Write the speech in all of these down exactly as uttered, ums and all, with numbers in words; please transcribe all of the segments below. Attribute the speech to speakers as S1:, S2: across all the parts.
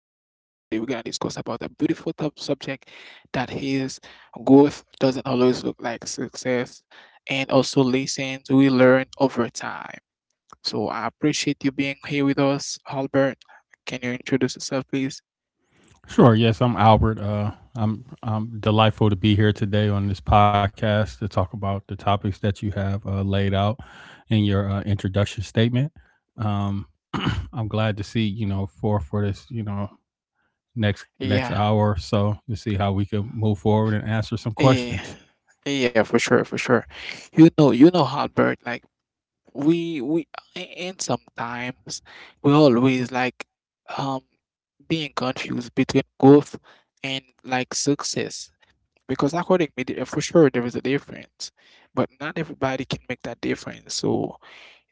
S1: we're gonna discuss about a beautiful top subject that is growth doesn't always look like success, and also lessons we learn over time. So I appreciate you being here with us, Albert. Can you introduce yourself, please?
S2: Sure. Yes, I'm Albert. Uh, I'm I'm delightful to be here today on this podcast to talk about the topics that you have uh, laid out in your uh, introduction statement. Um, I'm glad to see you know for for this you know next next
S1: Yeah,
S2: hour or so to see how we can move forward and answer some
S1: yeah,
S2: questions.
S1: yeah, for sure, for sure. You know, you know, Albert, like we we a- and sometimes we always like um being confused between growth and like success because according to me, the- for sure there is a difference, but not everybody can make that difference. So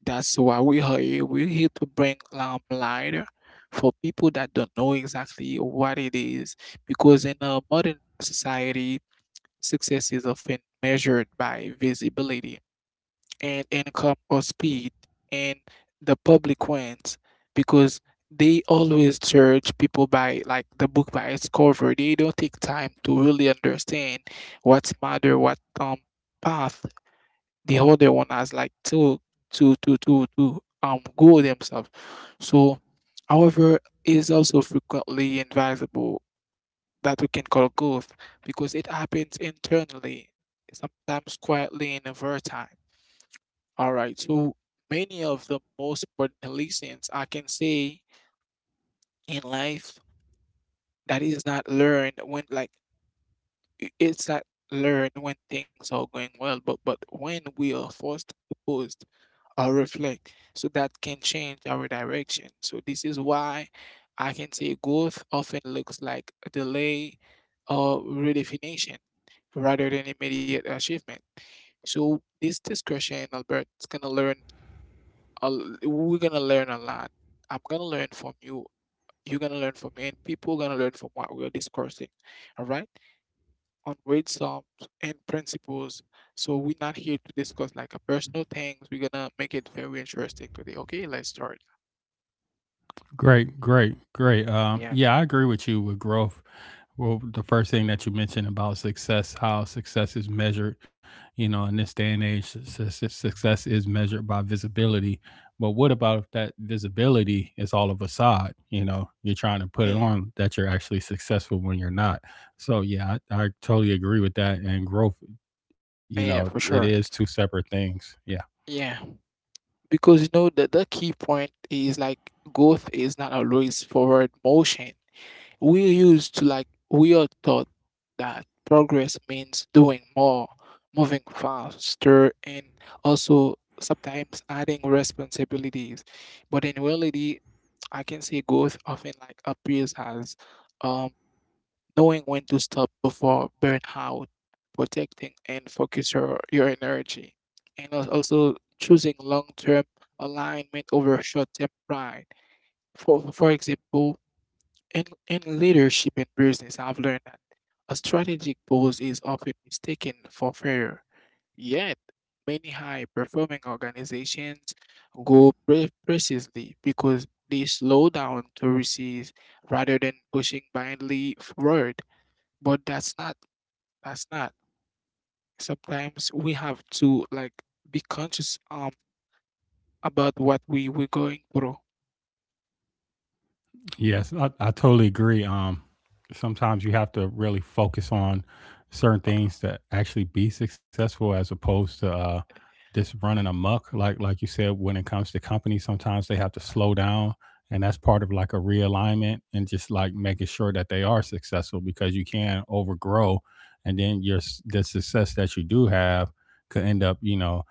S1: that's why we are here. We're here to bring um light for people that don't know exactly what it is because in a modern society success is often measured by visibility and income or speed, and the public wins because they always judge people by like the book by its cover. They don't take time to really understand what's matter, what um path the other one has like to to to to to um go themselves. So, however, is also frequently advisable that we can call growth because it happens internally, sometimes quietly and over time. All right, so many of the most important lessons I can say in life that is not learned when like i- it's not learned when things are going well, but but when we are forced to pause or reflect. So that can change our direction. So this is why I can say growth often looks like a delay or redefinition rather than immediate achievement. So this discussion, Albert, is gonna learn. A, l- we're gonna learn a lot. I'm gonna learn from you. You're gonna learn from me, and people gonna learn from what we're discussing. All right on weight sums and principles. So we're not here to discuss like a personal things. We're gonna make it very interesting today. Okay, let's start.
S2: Great, great, great. Um,
S1: Yeah,
S2: yeah, I agree with you with growth well the first thing that you mentioned about success, how success is measured, you know, in this day and age, su- su- success is measured by visibility, but what about if that visibility is all of a side, you know, you're trying to put it
S1: yeah,
S2: on that you're actually successful when you're not. So yeah, i, I totally agree with that. And growth, you know,
S1: yeah,
S2: it
S1: for
S2: is two
S1: sure.
S2: separate things, yeah.
S1: Yeah, because you know the the key point is like growth is not always forward motion. We're used to like we are taught that progress means doing more, moving faster, and also sometimes adding responsibilities. But in reality, I can see growth often like appears as um, knowing when to stop before burnout, protecting and focus your, your energy, and als- also choosing long-term alignment over short-term pride. For for example, in, in leadership and business, I've learned that a strategic pause is often mistaken for failure. Yet, many high performing organizations go pre- precisely because they slow down to receive rather than pushing blindly forward. But that's not, that's not. Sometimes we have to like be conscious um about what we we're going through.
S2: Yes, I, I totally agree. Um, sometimes you have to really focus on certain things to actually be successful, as opposed to uh, just running amok. Like like you said, when it comes to companies, sometimes they have to slow down, and that's part of like a realignment and just like making sure that they are successful because you can overgrow, and then your s- the success that you do have could end up, you know,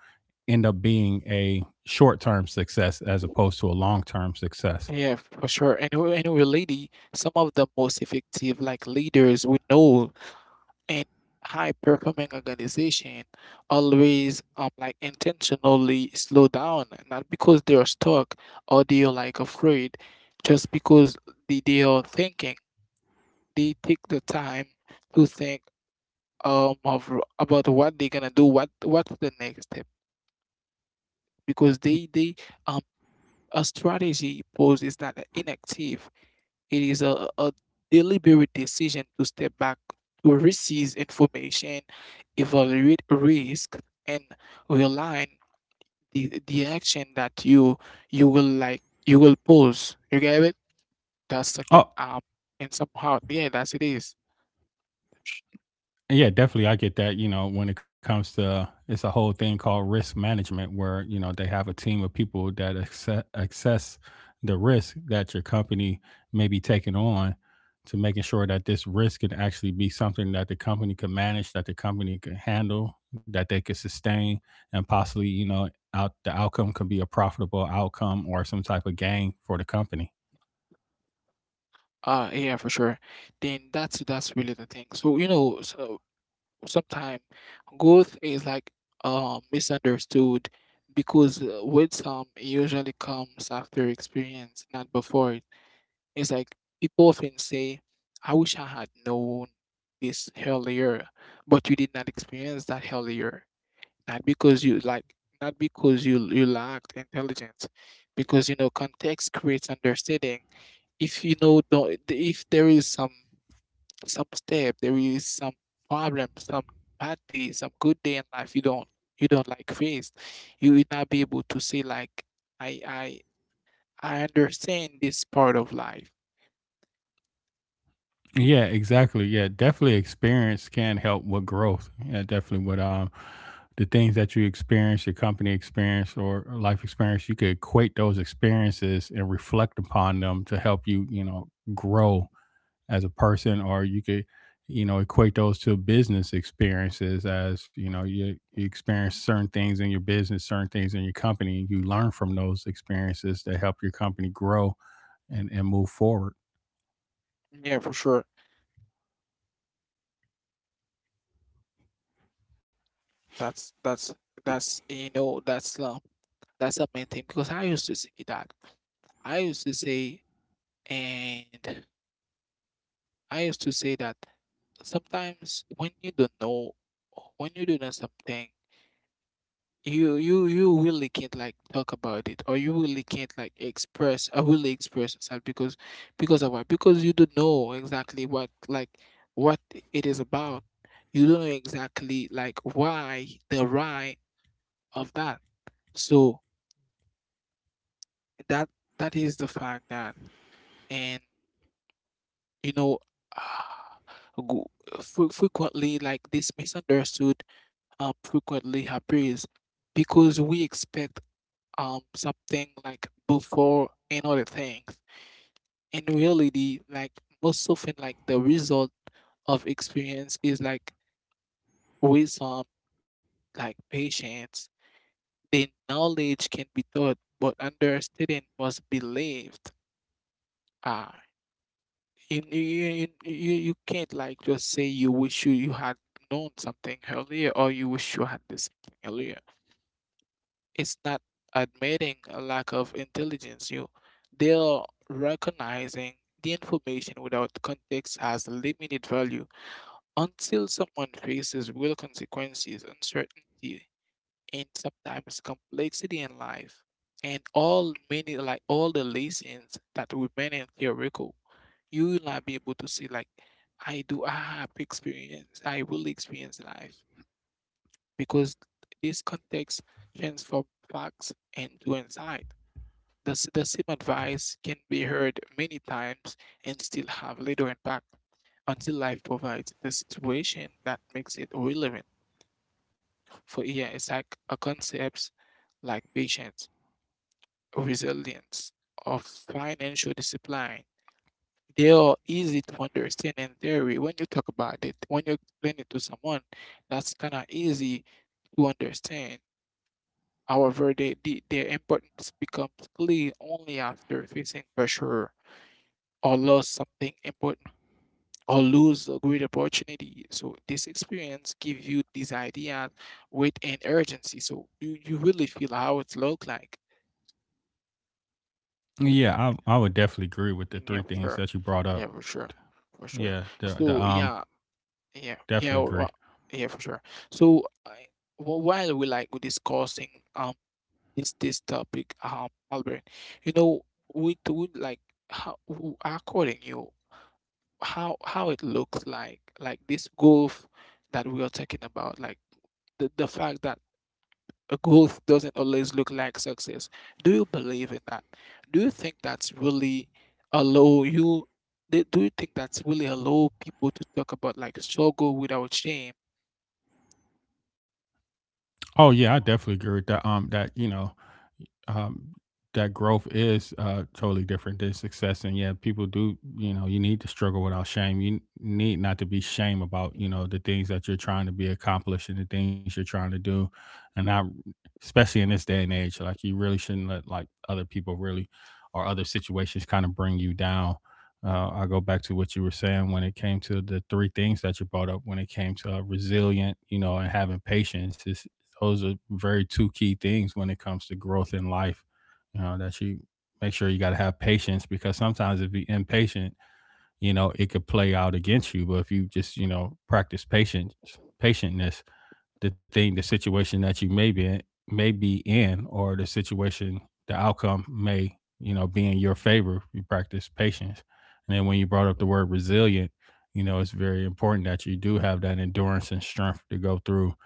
S2: end up being a short term success as opposed to a long term success.
S1: Yeah, for sure. And anyway, anyway, lady, some of the most effective like leaders we know and high performing organization always um like intentionally slow down not because they are stuck or they are like afraid just because they, they are thinking. They take the time to think um of about what they're gonna do, what what's the next step because they they um a strategy pose is not inactive. It is a, a deliberate decision to step back to receive information, evaluate risk, and realign the, the action that you you will like you will pose. You get it? That's second
S2: Oh,
S1: up and somehow yeah, that's it is.
S2: yeah, definitely. I get that. You know, when it comes to, it's a whole thing called risk management, where you know they have a team of people that acce- assess the risk that your company may be taking on, to making sure that this risk can actually be something that the company can manage, that the company can handle, that they can sustain, and possibly, you know, out the outcome could be a profitable outcome or some type of gain for the company.
S1: Uh yeah, for sure. Then that's that's really the thing. So you know, so sometimes growth is like uh, misunderstood because uh, with some it usually comes after experience, not before it. It's like people often say, I wish I had known this earlier, but you did not experience that earlier. Not because you like, not because you you lacked intelligence, because you know context creates understanding. If you know, don't, if there is some some step, there is some problem, some bad day, some good day in life you don't you don't like face, you will not be able to say like i i i understand this part of life.
S2: Yeah, exactly. Yeah, definitely experience can help with growth. Yeah, definitely with um the things that you experience, your company experience or life experience, you could equate those experiences and reflect upon them to help you, you know, grow as a person, or you could, you know, equate those to business experiences as you know you, you experience certain things in your business, certain things in your company, and you learn from those experiences to help your company grow and, and move forward.
S1: Yeah, for sure. That's that's that's you know that's uh, that's the main thing because i used to say that i used to say and I used to say that sometimes when you don't know, when you don't know something, you you you really can't like talk about it, or you really can't like express, or really express yourself because because of what? Because you don't know exactly what like what it is about. You don't know exactly like why the why of that. So that that is the fact that, and you know, uh, go- fre- frequently like this misunderstood um, frequently happens because we expect um, something like before and other things. In reality, like most often, like the result of experience is like wisdom, like patience. The knowledge can be taught, but understanding must be lived. Ah, you, you, you, you you can't like just say you wish you, you had known something earlier or you wish you had this earlier. It's not admitting a lack of intelligence. You, they are recognizing the information without context has limited value until someone faces real consequences, uncertainty, and sometimes complexity in life. And all many like all the lessons that remain in theoretical, you will not be able to see like I do I have experience, I will experience life because this context transforms facts and to insight. The, s- the same advice can be heard many times and still have little impact until life provides the situation that makes it relevant. For yeah, it's like a concepts like patience, resilience, or financial discipline. They are easy to understand in theory when you talk about it. When you explain it to someone, that's kind of easy to understand. However, they, the, their importance becomes clear only after facing pressure or loss something important or lose a great opportunity. So this experience gives you these ideas with an urgency. So you, you really feel how it look like.
S2: Yeah, I I would definitely agree with the
S1: Yeah,
S2: three
S1: for
S2: things
S1: sure.
S2: that you brought
S1: Yeah,
S2: up.
S1: for sure. For sure.
S2: Yeah, the the
S1: So
S2: um
S1: yeah, yeah, yeah,
S2: definitely agree.
S1: wha- yeah, for sure. So I, wh- while we like we discussing um this this topic, um, Albert. You know, we would like how w- according you how how it looks like like this growth that we are talking about, like the the fact that uh, growth doesn't always look like success. Do you believe in that? Do you think that's really allow you? Do do you think that's really allow people to talk about like struggle without shame?
S2: Oh yeah, I definitely agree with that. Um, that you know, um, that growth is uh, totally different than success. And yeah, people do, you know, you need to struggle without shame. You need not to be shame about, you know, the things that you're trying to be accomplished and the things you're trying to do. And not, especially in this day and age, like you really shouldn't let like other people really or other situations kind of bring you down. Uh, I go back to what you were saying when it came to the three things that you brought up. When it came to uh, resilient, you know, and having patience, those are very two key things when it comes to growth in life. You know, that you make sure you got to have patience because sometimes if you're impatient, you know, it could play out against you. But if you just, you know, practice patience, patientness, the thing, the situation that you may be in, may be in, or the situation, the outcome may, you know, be in your favor. You practice patience, and then when you brought up the word resilient, you know, it's very important that you do have that endurance and strength to go through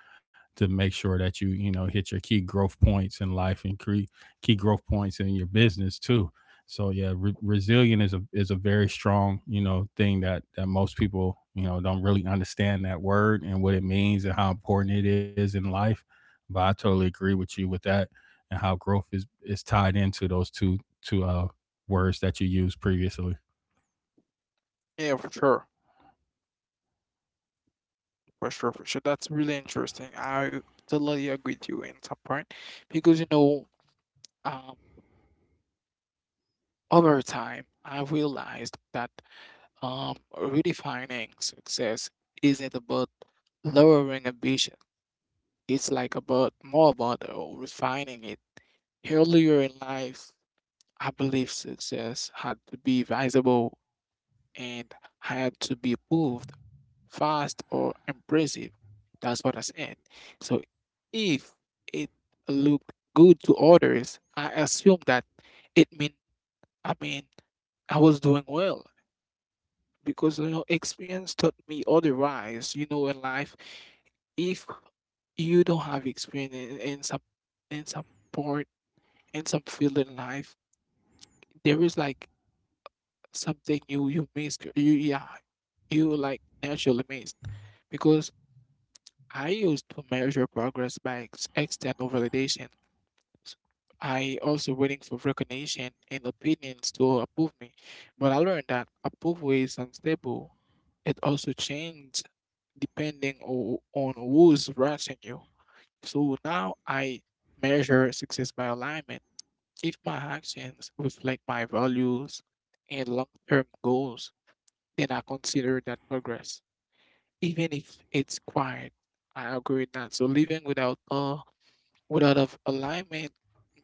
S2: to make sure that you, you know, hit your key growth points in life and cre- key growth points in your business too. So yeah, re- resilient is a is a very strong, you know, thing that that most people, you know, don't really understand that word and what it means and how important it is in life. But I totally agree with you with that and how growth is is tied into those two two uh words that you used previously.
S1: Yeah, for sure. For sure, for sure. That's really interesting. I totally agree with you in some point because you know, um, over time, I realized that Um, redefining success isn't about lowering ambition. It's like about more about uh, refining it. Earlier in life, I believe success had to be visible and had to be proved fast or impressive. That's what I said. So if it looked good to others, I assumed that it mean I mean I was doing well. Because you know experience taught me otherwise. You know, in life, if you don't have experience in, in some in some part in some field in life, there is like something you you miss. You yeah, you like naturally miss because I used to measure progress by ex- external validation. S- I also waiting for recognition and opinions to approve me, but I learned that approval is unstable. It also changes depending o- on who's watching you. So now I measure success by alignment. If my actions reflect my values and long term goals, then I consider that progress. Even if it's quiet, I agree with that. So living without awe without of alignment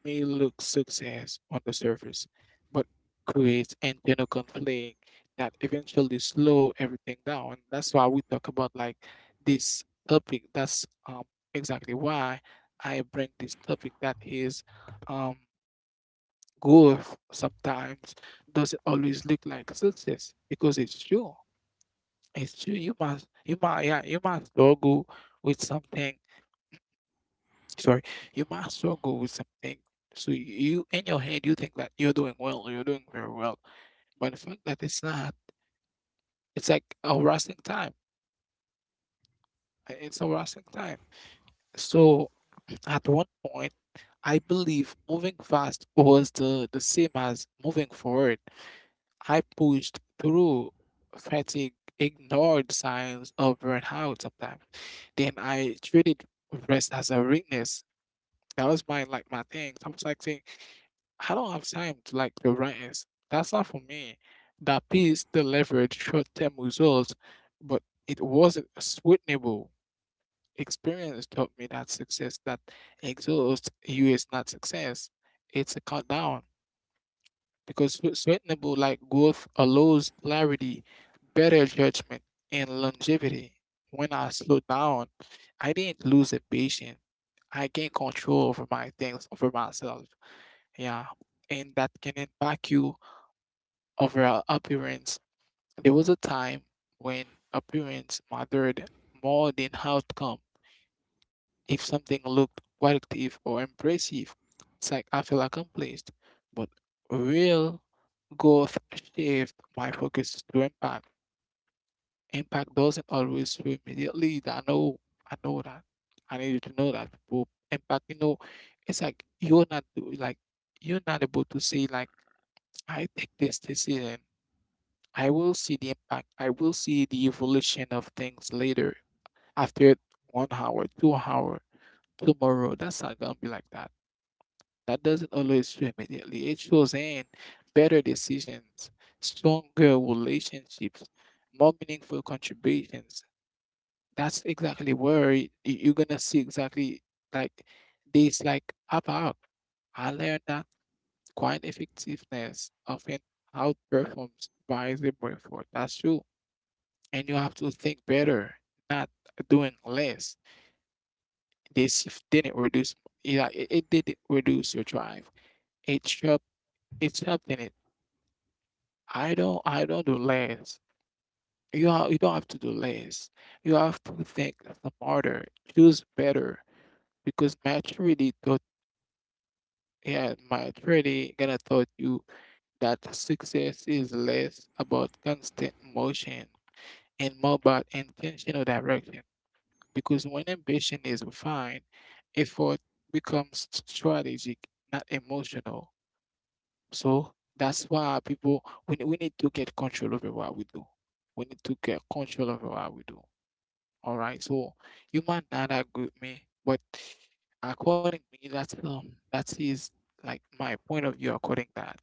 S1: may look success on the surface, but creates internal conflict that eventually slow everything down. That's why we talk about like this topic. That's um exactly why I bring this topic that is um growth sometimes doesn't always look like success because it's true. It's true. You must you might yeah, you must struggle with something. Sorry, you might struggle with something. So you, in your head, you think that you're doing well, you're doing very well, but the fact that it's not, it's like a harassing time. uh, It's a harassing time. So at one point, I believe moving fast was the the same as moving forward. I pushed through fatigue, ignored signs of burnout sometimes. Then I treated rest as a weakness. That was my like my thing. I was like saying, I don't have time to like the rants. That's not for me. That piece delivered short-term results, but it wasn't a sweetenable. Experience taught me that success that exhausts you is not success. It's a cut down because swe- sweetenable like growth allows clarity, better judgment, and longevity. When I slow down, I didn't lose a patient. I gained control over my things, over myself. Yeah, and that can impact you overall appearance. There was a time when appearance mattered more than outcome. If something looked qualitative or impressive, it's like I feel accomplished. But real growth shift my focus to impact. Impact doesn't always feel immediately. I know, I know that. I need you to know that. But impact, you know, it's like you're not do- like you're not able to say like I take this decision. I will see the impact. I will see the evolution of things later. After one hour, two hour, tomorrow. That's not gonna be like that. That doesn't always show immediately. It shows in better decisions, stronger relationships, more meaningful contributions. That's exactly where y- you're gonna see exactly like this like pop out. I learned that quiet effectiveness often outperforms visible effort. That's true. And you have to think better, not doing less. This didn't reduce, yeah, it, it didn't reduce your drive. It sharp, it sharpened it. I don't, I don't do less. You are, you don't have to do less. You have to think smarter, choose better, because maturity taught, yeah, maturity gonna taught you that success is less about constant motion and more about intentional direction. Because when ambition is refined, effort becomes strategic, not emotional. So that's why people, we, we need to get control over what we do. We need to get control over what we do. All right. So you might not agree with me, but according to me, that's um that is like my point of view according to that.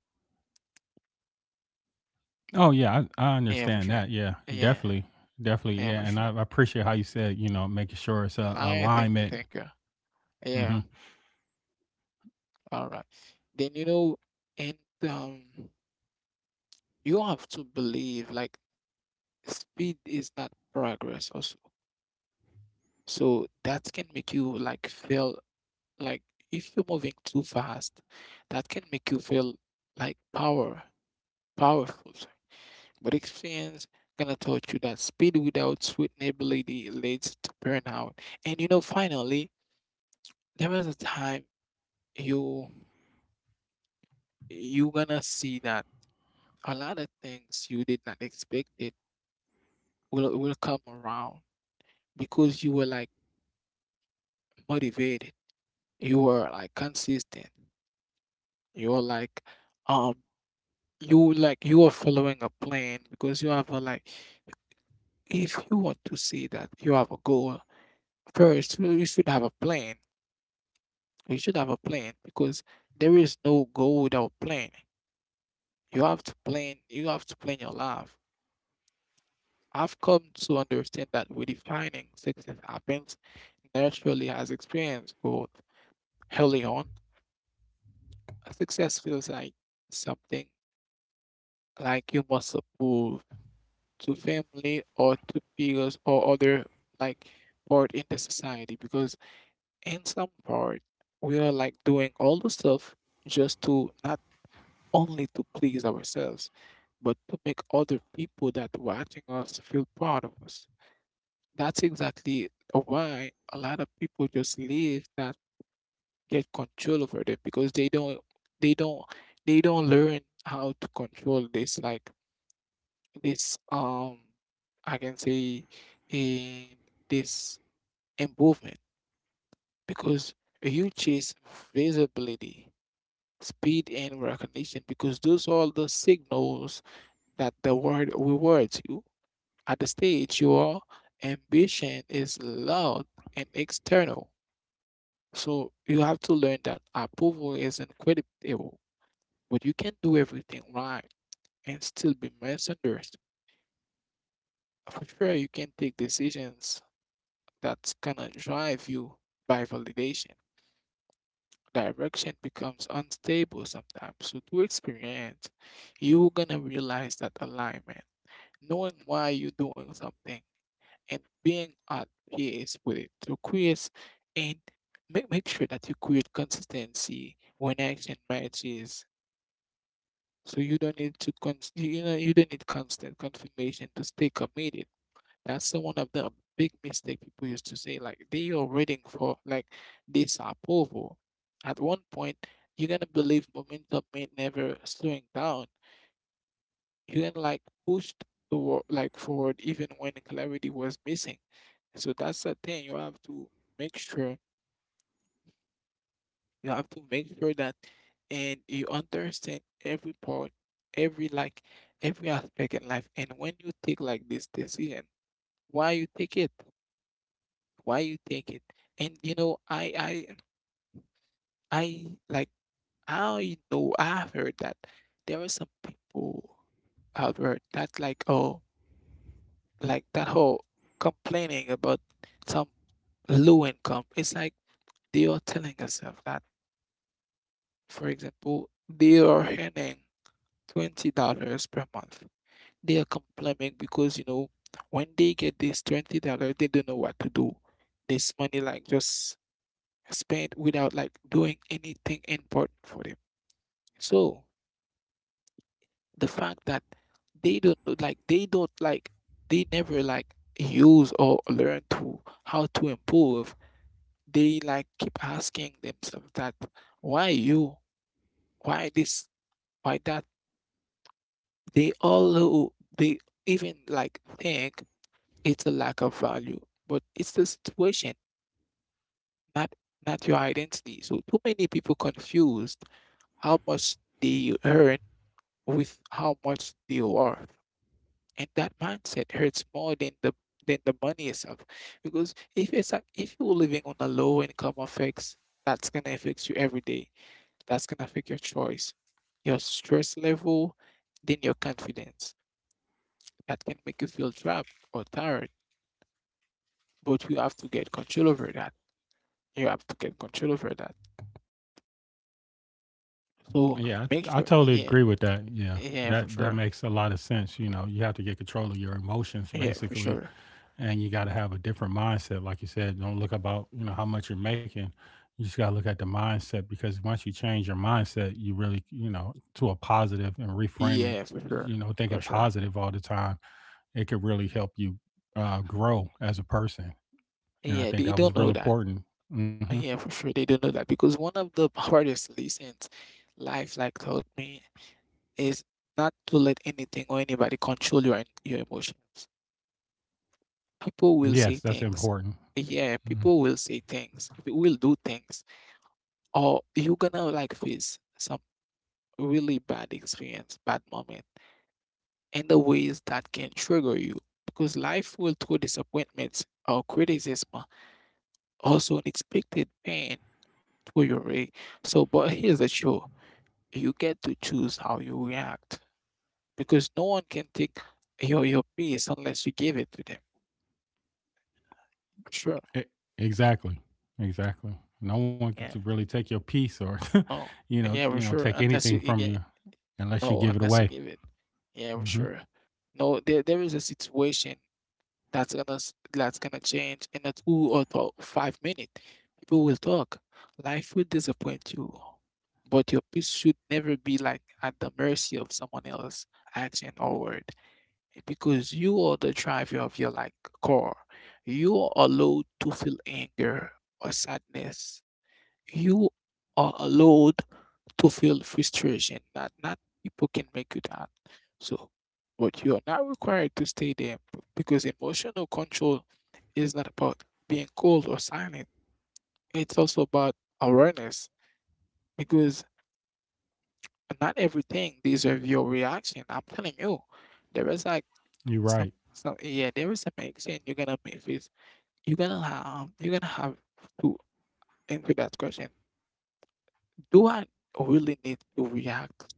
S2: Oh yeah, I, I
S1: Yeah, for
S2: understand
S1: sure.
S2: that. Yeah,
S1: Yeah,
S2: definitely, definitely.
S1: yeah,
S2: Yeah,
S1: for
S2: and I,
S1: sure.
S2: I appreciate how you said you know making sure it's a
S1: I think
S2: alignment.
S1: thank you.
S2: Hmm.
S1: Yeah. All right. Then, you know, and um, you have to believe like speed is not progress also. So that can make you like feel like if you're moving too fast, that can make you feel like power, powerful. Sorry. But experience gonna taught you that speed without sweetenability leads to burnout. And, you know, finally, there was a time you you gonna see that a lot of things you did not expect it will will come around because you were like motivated, you were like consistent, you were like um you like you are following a plan, because you have a, like, if you want to see that you have a goal, first you you should have a plan. You should have a plan because there is no goal without plan. You have to plan, you have to plan your life. I've come to understand that redefining success happens naturally as experience growth. Early on, success feels like something like you must prove to family or to peers or other, like, part in the society, because in some part we are like doing all the stuff just to not only to please ourselves but to make other people that watching us feel proud of us. That's exactly why a lot of people just live that get control over them because they don't they don't they don't learn how to control this like this um I can say in this improvement, because you chase visibility, speed and recognition because those are the signals that the world rewards you. At the stage your ambition is loud and external. So you have to learn that approval is incredible. But you can do everything right and still be misunderstood. For sure, you can take decisions that's gonna drive you by validation. Direction becomes unstable sometimes. So, through experience, you're gonna realize that alignment, knowing why you're doing something, and being at peace with it. So, create and make, make sure that you create consistency when action matches. So you don't need to con, you you know, you don't need constant confirmation to stay committed. That's the one of the big mistake people used to say, like they are waiting for like this approval. At one point, you're gonna believe momentum may never slowing down. You can like push toward like forward even when clarity was missing. So that's the thing you have to make sure. You have to make sure that and you understand every part, every like every aspect in life. And when you take like this decision, why you take it? Why you take it? And, you know, I I I like I know I've heard that there are some people out there that like, oh, like, that whole complaining about some low income. It's like they are telling yourself that, for example, they are earning twenty dollars per month. They are complaining because you know when they get this twenty dollar, they don't know what to do. This money like just spent without like doing anything important for them. So the fact that they don't know- like they don't like they never like use or learn to how to improve. They like keep asking themselves that, why you, why this, why that. They all who they even like think it's a lack of value, but it's the situation, not not your identity. So too many people confused how much they earn with how much they are worth. And that mindset hurts more than the than the money itself. Because if it's like if you're living on a low income affects, that's gonna affect you every day. That's gonna affect your choice, your stress level, then your confidence. That can make you feel trapped or tired. But you have to get control over that. You have to get control over that. So
S2: Yeah,
S1: make
S2: I, I
S1: sure,
S2: totally
S1: yeah,
S2: agree with that. Yeah,
S1: yeah, for
S2: that that
S1: sure,
S2: makes a lot of sense. You know, you have to get control of your emotions
S1: yeah, for
S2: basically,
S1: sure,
S2: and you got to have a different mindset. Like you said, don't look about you know how much you're making. You just got to look at the mindset because once you change your mindset, you really, you know, to a positive and reframe it.
S1: yeah, for sure,
S2: You know,
S1: for
S2: thinking
S1: sure.
S2: positive all the time, it could really help you uh, grow as a person. And I
S1: Yeah,
S2: think
S1: they
S2: that
S1: don't
S2: was
S1: know
S2: real
S1: that.
S2: important. Hmm.
S1: Yeah, for sure, they don't know that, because one of the hardest lessons life like taught me is not to let anything or anybody control your your emotions. People will
S2: Yes,
S1: say
S2: that's
S1: things.
S2: important.
S1: Yeah, people will say things. They will do things, or you're gonna like face some really bad experience, bad moment, and the ways that can trigger you, because life will throw disappointments or criticism, also unexpected pain to your way. So, but here's the truth, you get to choose how you react, because no one can take your, your peace unless you give it to them. Sure.
S2: E- Exactly. Exactly. No one can to
S1: Yeah.
S2: really take your peace or,
S1: No.
S2: you know, t-
S1: Yeah,
S2: you
S1: for
S2: know,
S1: sure.
S2: take
S1: Unless
S2: anything
S1: you, you
S2: from you
S1: get,
S2: unless you
S1: no,
S2: give it
S1: unless you
S2: away.
S1: give it. Yeah, for
S2: Hmm.
S1: sure. No, there, there is a situation. That's gonna s- that's gonna change in a two or th- five minute. People will talk. Life will disappoint you, but your peace should never be like at the mercy of someone else' action or word, because you are the driver of your like core. You are allowed to feel anger or sadness. You are allowed to feel frustration that not people can make you that. So, but you are not required to stay there b- because emotional control is not about being cold or silent. It's also about awareness, because not everything deserves your reaction. I'm telling you, there is like
S2: You're
S1: some,
S2: right.
S1: some yeah, there is some action you're gonna make with. You're gonna have you're gonna have to answer that question. Do I really need to react?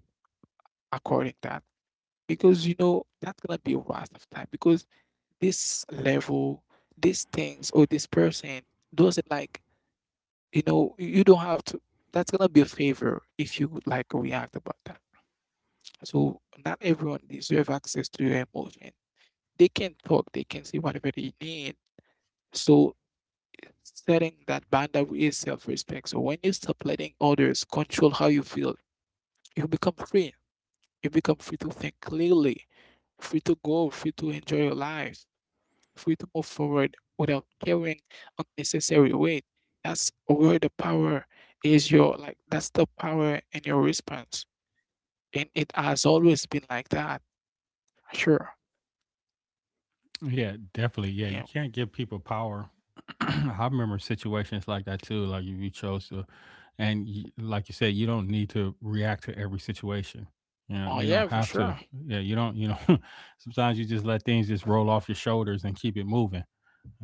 S1: According that, because you know that's gonna be a waste of time, because this level, these things or this person doesn't like, you know you don't have to, that's gonna be a favor if you would like react about that. So not everyone deserve access to your emotion. They can talk, they can say whatever they need. So setting that boundary is self-respect. So when you stop letting others control how you feel, you become free. You become free to think clearly, free to go, free to enjoy your life, free to move forward without carrying unnecessary weight. That's where the power is, your like, that's the power in your response. And it has always been like that. Sure.
S2: Yeah, definitely. Yeah, you
S1: Yeah.
S2: can't give people power. I remember situations like that too. Like if you chose to, and you, like you said, you don't need to react to every situation. You know,
S1: Oh
S2: you don't
S1: yeah, for
S2: have to.
S1: sure.
S2: Yeah, you don't. You know, sometimes you just let things just roll off your shoulders and keep it moving.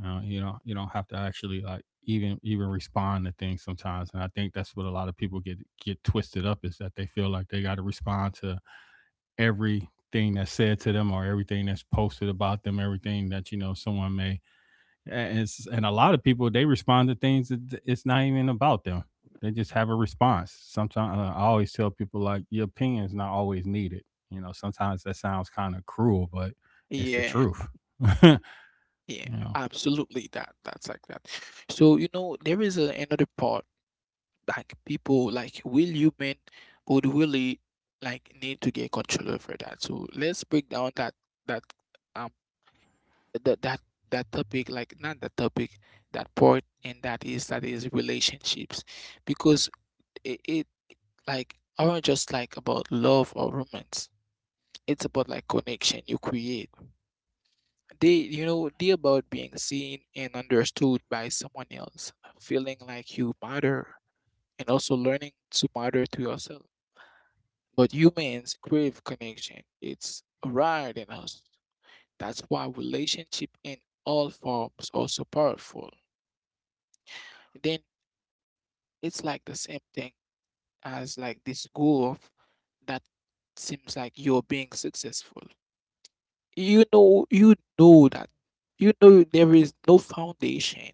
S2: Uh, you know, you don't have to actually like even even respond to things sometimes, and I think that's what a lot of people get get twisted up is that they feel like they got to respond to everything that's said to them or everything that's posted about them, everything that you know someone may. And it's, and a lot of people they respond to things that it's not even about them. They just have a response. Sometimes uh, I always tell people like your opinion is not always needed. You know, sometimes that sounds kind of cruel, but it's the
S1: Yeah.
S2: truth. you
S1: Yeah,
S2: know,
S1: absolutely. That that's like that. So, you know, there is a, another part like people like will human would really like need to get control over that. So let's break down that that um that that that topic like not that topic, that part, and that is that is relationships, because it, it like aren't just like about love or romance. It's about like connection you create. They, you know, they about being seen and understood by someone else, feeling like you matter, and also learning to matter to yourself. But humans crave connection. It's rare in us. That's why relationship in all forms are so powerful. Then it's like the same thing as like this goal of that seems like you're being successful. You know, you know that, you know there is no foundation.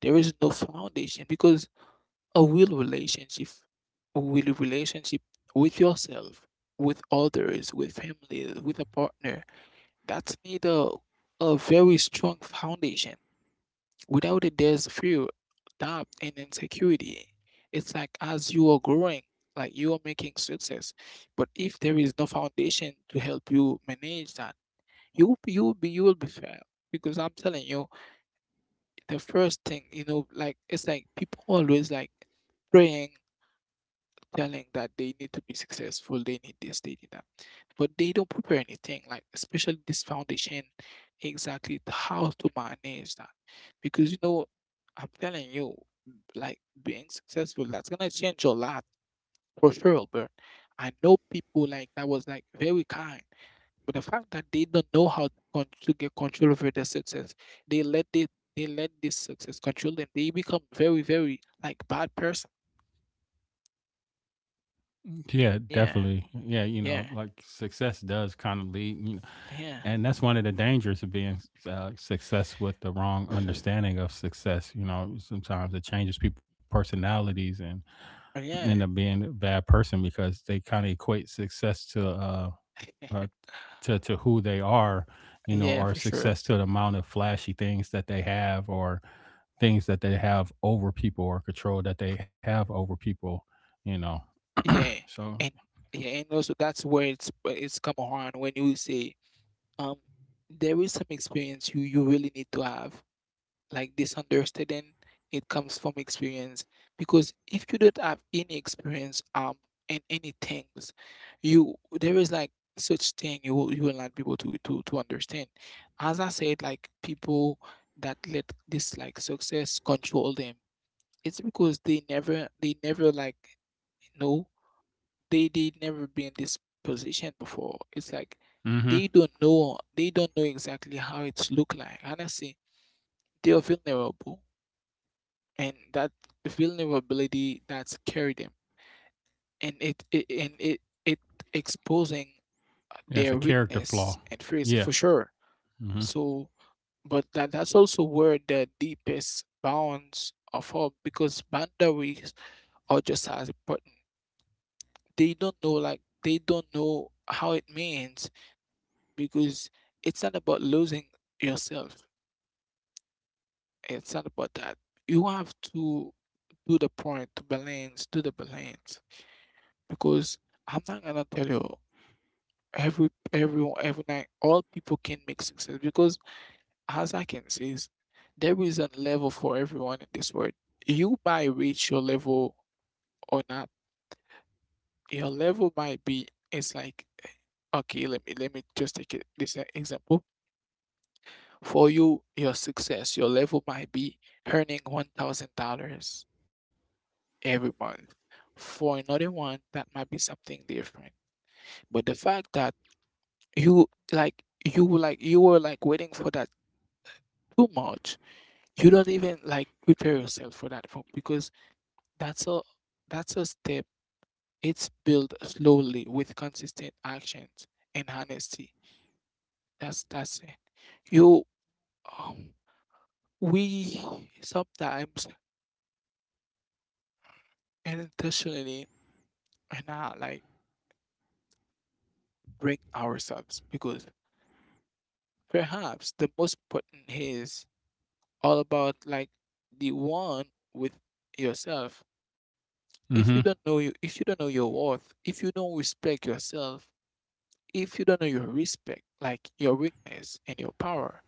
S1: There is no foundation because a real relationship, a real relationship with yourself, with others, with family, with a partner, that's need a, a very strong foundation. Without it, there's fear, doubt, and insecurity. It's like as you are growing, like you are making success. But if there is no foundation to help you manage that, you you will be you will be fail because I'm telling you the first thing, you know, like it's like people always like praying, telling that they need to be successful, they need this, they need that. But they don't prepare anything, like especially this foundation, exactly t- how to manage that. Because you know, I'm telling you, like being successful, that's gonna change a lot for sure, but I know people like that was like very kind. But the fact that they don't know how to, con- to get control over their success, they let the, they let this success control them. They become very, very like bad person.
S2: Yeah,
S1: Yeah,
S2: definitely. Yeah, you know,
S1: yeah,
S2: like success does kind of lead, you know,
S1: yeah.
S2: and that's one of the dangers of being uh, success with the wrong understanding of success. You know, sometimes it changes people' personalities and
S1: Uh,
S2: end
S1: yeah.
S2: up being a bad person because they kind of equate success to uh, uh to to who they are, you know,
S1: Yeah,
S2: or
S1: for sure.
S2: success to the amount of flashy things that they have or things that they have over people or control that they have over people. You know,
S1: Yeah,
S2: so.
S1: and yeah, and also that's where it's where it's come around when you say um there is some experience you you really need to have, like misunderstanding, it comes from experience. Because if you don't have any experience, um in any things, you there is like such thing, you will you will not be able to to to understand. As I said, like people that let this like success control them, it's because they never they never like know, they they never been in this position before. It's like
S2: Mhm.
S1: they don't know they don't know exactly how it's look like, honestly. They're vulnerable, and that vulnerability that scared them, and it, it and it it exposing
S2: Yeah, it's a
S1: their
S2: character
S1: weakness
S2: flaw.
S1: and fears
S2: Yeah.
S1: for sure.
S2: Mm-hmm.
S1: So but that that's also where the deepest bounds of hope, because boundaries are just as important. They don't know, like they don't know how it means, because it's not about losing yourself. It's not about that. You have to do the point to balance, do the balance. Because I'm not gonna tell you every everyone every night all people can make success, because as I can see is there is a level for everyone in this world. You might reach your level or not. Your level might be, it's like, okay, let me let me just take it, this e- example. For you, your success, your level might be earning one thousand dollars every month. For another one, that might be something different. But the fact that you like you like you were like waiting for that too much, you don't even like prepare yourself for that fo- because that's a that's a step. It's built slowly with consistent actions and honesty. That's that's it. You um we sometimes unintentionally and not like break ourselves, because perhaps the most important is all about like the one with yourself.
S2: Hmm.
S1: If you don't know you if you don't know your worth, if you don't respect yourself, if you don't know your respect, like your weakness and your power,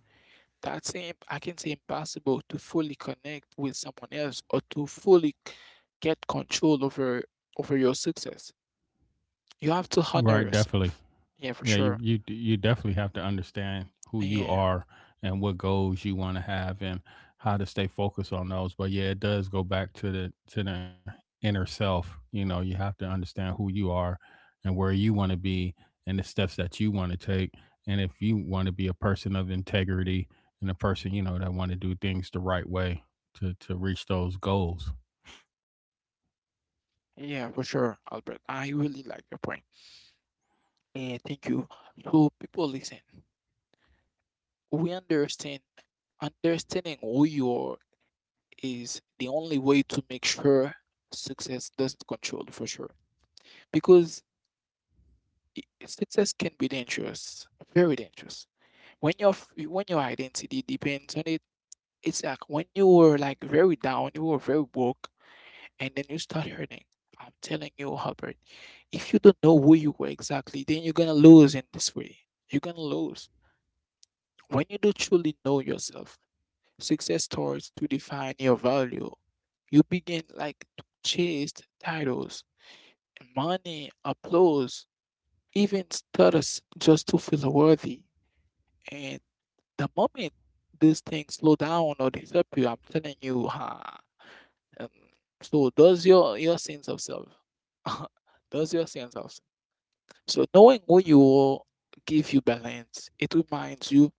S1: that's im- I can say impossible to fully connect with someone else, or to fully c- get control over over your success. You have to
S2: Right.
S1: honor
S2: Definitely.
S1: yourself. Yeah, for
S2: Yeah. You
S1: sure.
S2: you you definitely have to understand who you
S1: Yeah.
S2: are and what goals you want to have and how to stay focused on those. But yeah, it does go back to the to the inner self. You know, you have to understand who you are and where you want to be and the steps that you want to take. And if you want to be a person of integrity and a person, you know, that want to do things the right way to to reach those goals.
S1: Yeah, for sure, Albert. I really like your point. Yeah, thank you. So people, listen, we understand understanding who you are is the only way to make sure success doesn't control, for sure. Because, i- success can be dangerous, very dangerous. When your f- when your identity depends on it, it's like when you were like very down, you were very broke, and then you start hurting. I'm telling you, Albert, if you don't know who you were exactly, then you're gonna lose in this way. You're gonna lose. When you do truly know yourself, success starts to define your value. You begin like to chase titles, money, applause, even status, just to feel worthy. And the moment these things slow down or disappear, I'm telling you, ha. um, so does your your sense of self? Does your sense of self? So knowing who you are give you balance. It reminds you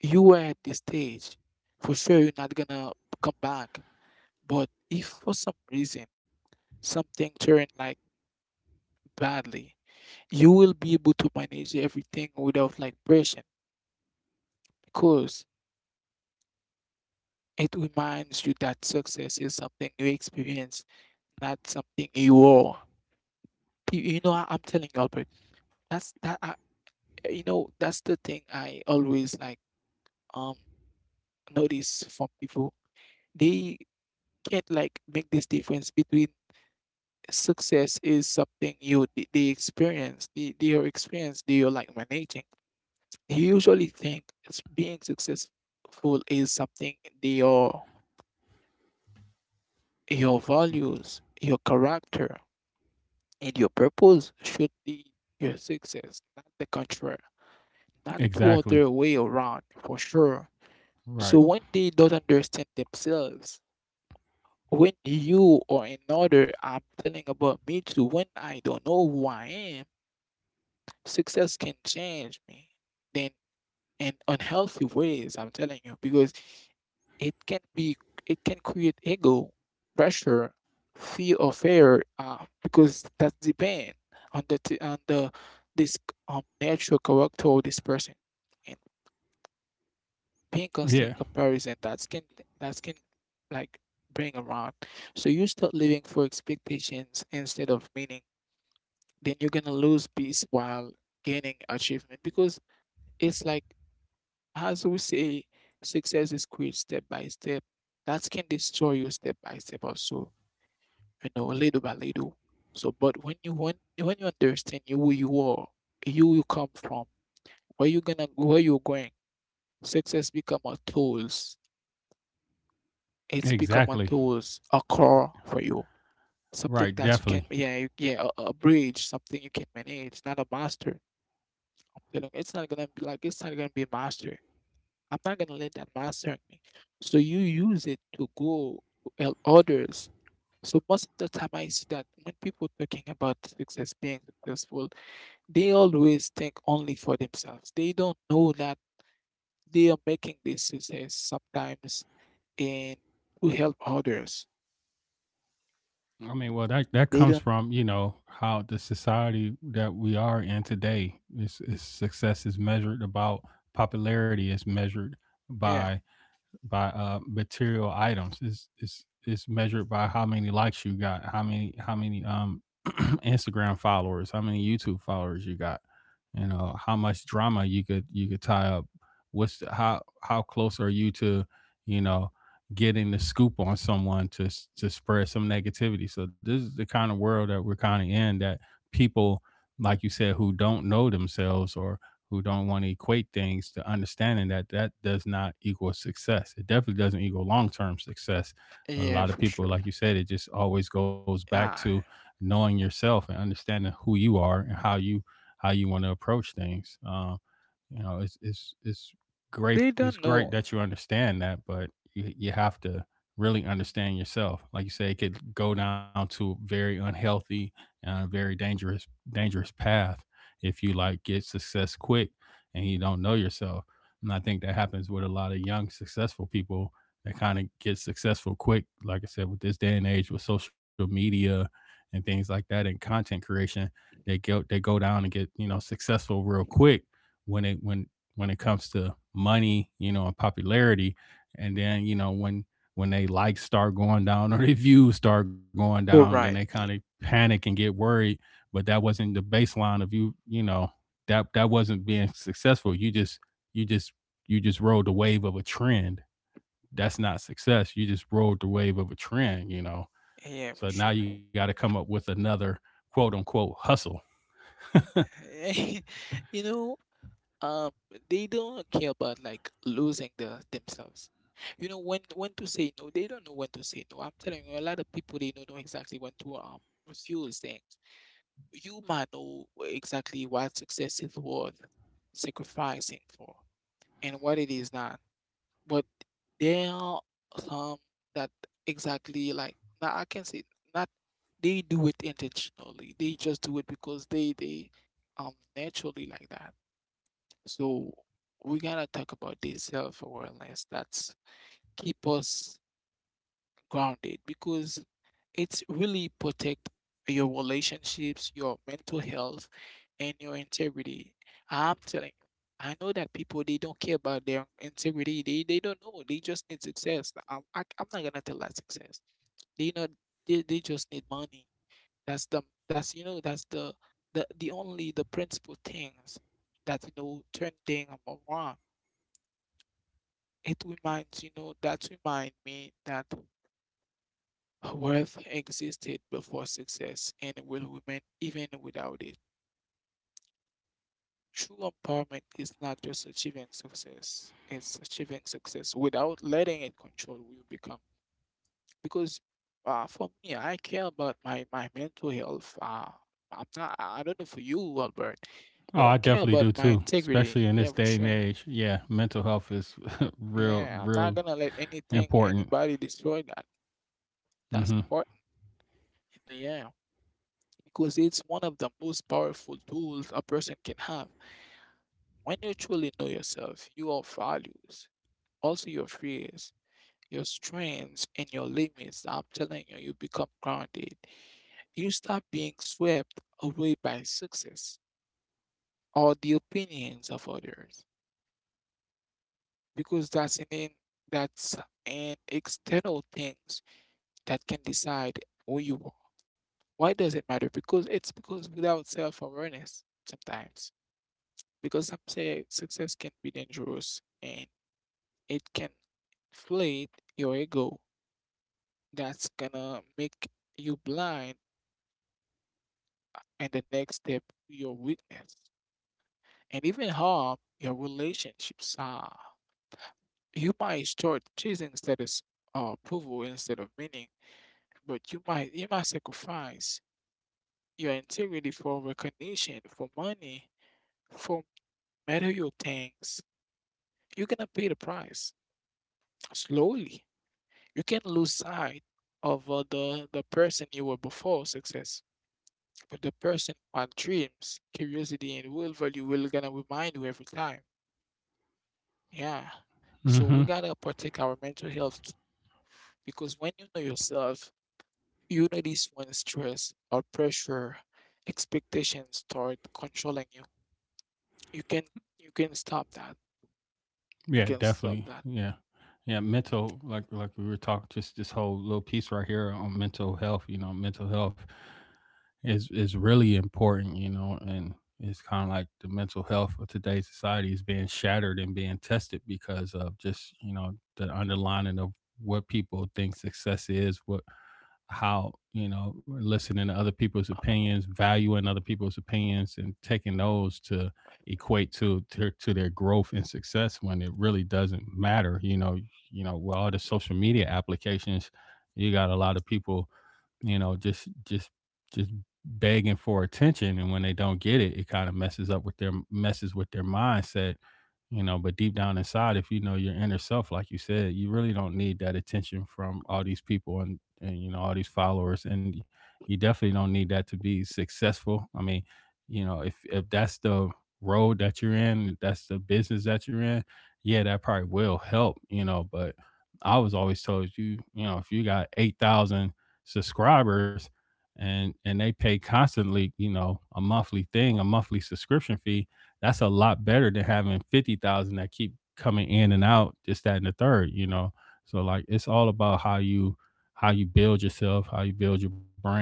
S1: you were at this stage. For sure, you're not gonna come back. But if for some reason something turned like badly, you will be able to manage everything without like pressure, because it reminds you that success is something you experience, not something you are. Pe- You know, I- I'm telling you, Albert, that's that I, you know, that's the thing I always like um notice from people. They can't like make this difference between success is something you, they, they experience, they, they are experience, they are like managing. You usually think it's being successful is something your your values, your character, and your purpose should be your success, not the contrary, not the
S2: Exactly.
S1: other way around, for sure. So
S2: Right.
S1: when they don't understand themselves, when you or another, I'm telling about me too, when I don't know who I am, success can change me. Then in unhealthy ways, I'm telling you, because It can be it can create ego, pressure, fear of failure, uh, because that depend on the t- on the this, um, natural character of this person, and being constant
S2: Yeah,
S1: comparison that can that can like bring around. So you start living for expectations instead of meaning. Then you're gonna lose peace while gaining achievement, because it's like, as we say, success is quit step by step. That can destroy you step by step also, you know, little by little. So but when you when, when you understand you who you are, you you come from, where you gonna where you're going, success become a tools. It's become a
S2: exactly.
S1: tools, a core for you. Something
S2: Right,
S1: that you can,
S2: definitely.
S1: yeah, you- yeah, a, a bridge, something you can manage, not a master. I'm telling you, it's not gonna be like it's not gonna be a master. I'm not gonna let that master me. So you use it to go to help others. So most of the time I see that when people talking about success, being successful, they always think only for themselves. They don't know that they are making this success sometimes and to help others.
S2: I mean, well, that that
S1: They
S2: comes
S1: don't
S2: from, you know, how the society that we are in today is, is success is measured about, popularity is measured
S1: Yeah,
S2: by by uh material items. It's it's it's measured by how many likes you got, how many how many um Instagram followers, how many YouTube followers you got, you know, how much drama you could you could tie up. What's the, how how close are you to, you know, getting the scoop on someone to s- to spread some negativity. So this is the kind of world that we're kind of in that people, like you said, who don't know themselves or who don't want to equate things to understanding that that does not equal success. It definitely doesn't equal long term success. But a
S1: yeah,
S2: lot of
S1: for
S2: people,
S1: sure.
S2: like you said, it just always goes back to
S1: Ah,
S2: knowing yourself and understanding who you are and how you how you want to approach things. Um, you know it's it's it's great,
S1: they
S2: it's
S1: don't
S2: great
S1: know.
S2: that you understand that, but you, you have to really understand yourself, like you say, it could go down to a very unhealthy uh, very dangerous dangerous path if you like get success quick and you don't know yourself. And I think that happens with a lot of young successful people that kind of get successful quick, like I said, with this day and age with social media and things like that and content creation. They go they go down and get, you know, successful real quick when it when when it comes to money, you know, and popularity. And then, you know, when when
S1: Yeah.
S2: they likes start going down or their views start
S1: Yeah,
S2: going
S1: you're
S2: down, then
S1: you're
S2: they
S1: right.
S2: kind of panic and get worried. But that wasn't the baseline of you, you know, that that wasn't being successful. You just you just you just rode the wave of a trend. That's not success. You just rode the wave of a trend, you know.
S1: Yeah, for
S2: So
S1: sure.
S2: now you got to come up with another quote unquote hustle.
S1: You know, um they don't care about like losing the themselves. You know when when to say no, they don't know when to say no. I'm telling you, a lot of people, they don't know exactly when to, um refuse things. You might know exactly what success is worth sacrificing for and what it is not. But there are some that, exactly, like, now I can say, not, they do it intentionally, they just do it because they they um naturally like that. So we gotta talk about this self-awareness that's keep us grounded, because it's really protect your relationships, your mental health, and your integrity. I'm telling you, I know that people, they don't care about their integrity. They they don't know. They just need success. I'm I, I'm not gonna tell that success. They know they, they just need money. That's the that's you know that's the the the only, the principal things, that you know turn thing around. It reminds you know that remind me that worth existed before success and will remain even without it. True empowerment is not just achieving success; it's achieving success without letting it control who you become. Because, uh, for me, I care about my my mental health. Uh, I'm not. I I don't know for you, Albert,
S2: Oh,
S1: but I
S2: I
S1: care
S2: definitely
S1: about
S2: do
S1: my
S2: too,
S1: integrity.
S2: especially in
S1: Yeah,
S2: this
S1: for
S2: day and
S1: sure.
S2: age. Yeah, mental health is real,
S1: Yeah, I'm not
S2: real
S1: gonna let anything,
S2: important.
S1: anybody destroy that. That's
S2: Hmm.
S1: important. Yeah. Because it's one of the most powerful tools a person can have. When you truly know yourself, your values, also your fears, your strengths, and your limits, I'm telling you, you become grounded. You stop being swept away by success or the opinions of others, because that's an in, that's an external things that can decide who you are. Why does it matter? Because it's, because without self-awareness sometimes, because some say success can be dangerous, and it can inflate your ego. That's gonna make you blind and the next step to your weakness, and even harm your relationships. Ah, you might start chasing status or approval instead of meaning, but you might you might sacrifice your integrity for recognition, for money, for material things. You're gonna pay the price slowly. You can lose sight of, uh, the the person you were before success. But the person who had dreams, curiosity, and will value will gonna remind you every time. Yeah. So we
S2: Hmm.
S1: gotta protect our mental health, because when you know yourself, you notice when stress or pressure, expectations, start controlling you. You can you can stop that. You
S2: Yeah,
S1: can stop
S2: definitely.
S1: that.
S2: Yeah, yeah. Mental, like, like we were talking, just this whole little piece right here on mental health. You know, mental health is is really important. You know, and it's kind of like the mental health of today's society is being shattered and being tested because of just you know the underlining of what people think success is, what how you know listening to other people's
S1: Uh,
S2: opinions, valuing other people's opinions and taking those to equate to, to to their growth and success when it really doesn't matter, you know, you know, with all the social media applications, you got a lot of people, you know, just just just begging for attention, and when they don't get it, it kind of messes up with their messes with their mindset, you know, but deep down inside if you know your inner self like you said, you really don't need that attention from all these people and and you know all these followers, and you definitely don't need that to be successful. I mean, you know, if if that's the road that you're in, if that's the business that you're in, yeah, that probably will help, you know, but I was always told you, you know, if you got eight thousand subscribers, and and they pay constantly, you know, a monthly thing, a monthly subscription fee. That's a lot better than having fifty thousand that keep coming in and out, just that and the third, you know. So like it's all about how you, how you build yourself, how you build your brand,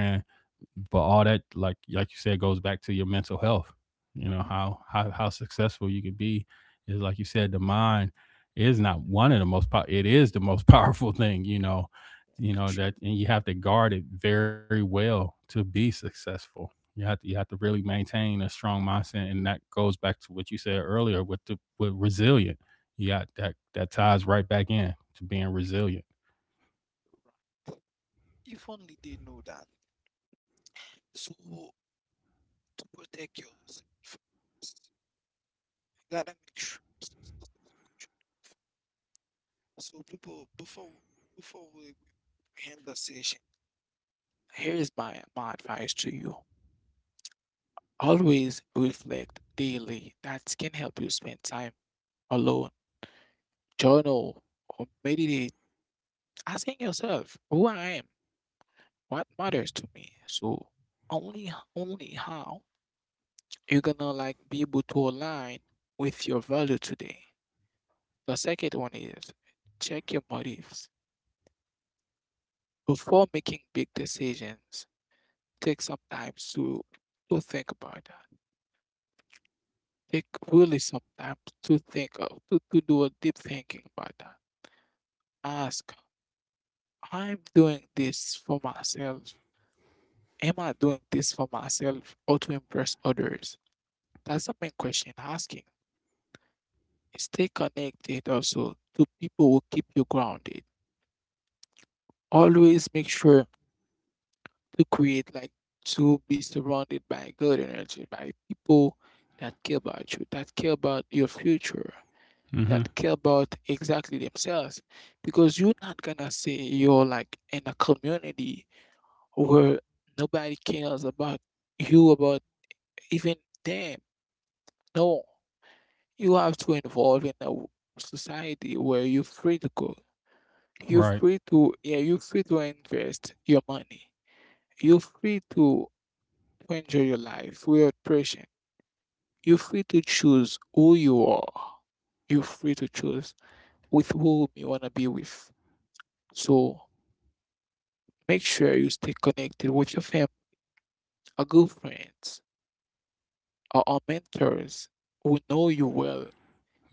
S2: but all that like like you said goes back to your mental health, you know,
S1: mhm,
S2: how how, how successful you could be is like you said. The mind is not one of the most pow- it is the most powerful thing, you know. You
S1: for
S2: know
S1: sure.
S2: that, and you have to guard it very well to be successful. You have to you have to really maintain a strong mindset, and that goes back to what you said earlier with the with resilient. You got that, that ties right back in to being
S1: Yeah,
S2: resilient.
S1: you're right. If only they know that. So protect yourself. You gotta make sure. So people, before before we we end the session, here is my my advice to you. Always reflect daily. That can help you spend time alone. Journal or meditate, asking yourself, "Who I am? What matters to me?" So only only how you're gonna like be able to align with your value today. The second one is check your motives. Before making big decisions, take some time to to think about that. Take really some time to think of to, to do a deep thinking about that. Ask, I'm doing this for myself. Am I doing this for myself or to impress others? That's the main question asking. Stay connected also to people who keep you grounded. Always make sure to create like to be surrounded by good energy, by people that care about you, that care about your future, that
S2: Hmm.
S1: care about exactly themselves. Because you're not gonna say you're like in a community where nobody cares about you, about even them. No, you have to involve in a w- society where you're free to go. You're
S2: Right.
S1: free to yeah, you're free to invest your money. You're free to to enjoy your life without pressure. You're free to choose who you are. You're free to choose with whom you want to be with. So make sure you stay connected with your family, our good friends, or our mentors who know you well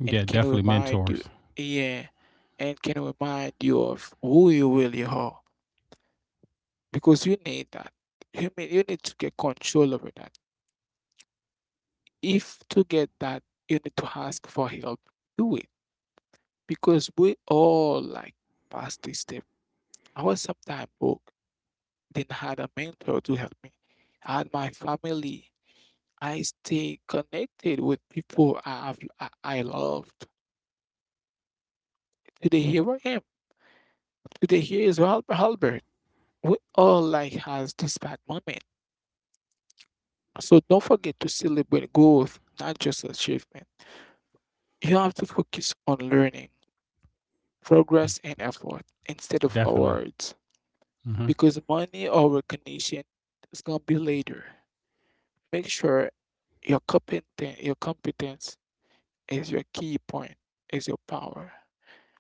S2: Yeah,
S1: and can
S2: definitely
S1: remind you,
S2: mentors.
S1: yeah, and can remind you of who you really are. Because you need that. You mean you need to get control over that. If to get that, you need to ask for help. Do it because we all like past this step. I was sometimes broke, then had a mentor to help me. I had my family. I stay connected with people I have, I, I loved. Today here I am. Today here is Hal- Albert. We all like has this bad moment. So don't forget to celebrate growth, not just achievement. You have to focus on learning, progress, and effort instead of
S2: Definitely.
S1: awards.
S2: Hmm.
S1: Because money or recognition is gonna be later. Make sure your competence, your competence is your key point, is your power.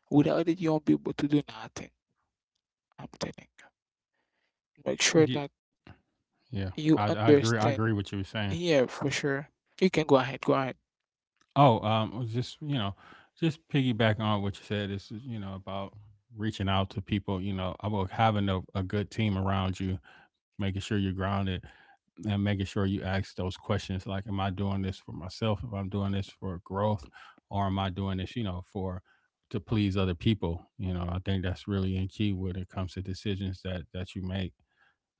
S1: Without it, you won't be able to do nothing. I'm telling you. Make sure
S2: Yeah,
S1: that
S2: yeah, I,
S1: you
S2: I agree. I agree with
S1: understand.
S2: what you were saying.
S1: Yeah, for sure. You can go ahead. Go ahead.
S2: Oh, um, it was just you know, just piggyback on what you said. This is you know about reaching out to people. You know, about having a, a good team around you, making sure you're grounded, and making sure you ask those questions like, "Am I doing this for myself? If I'm doing this for growth, or am I doing this, you know, for to please other people?" You know, I think that's really in key when it comes to decisions that that you make.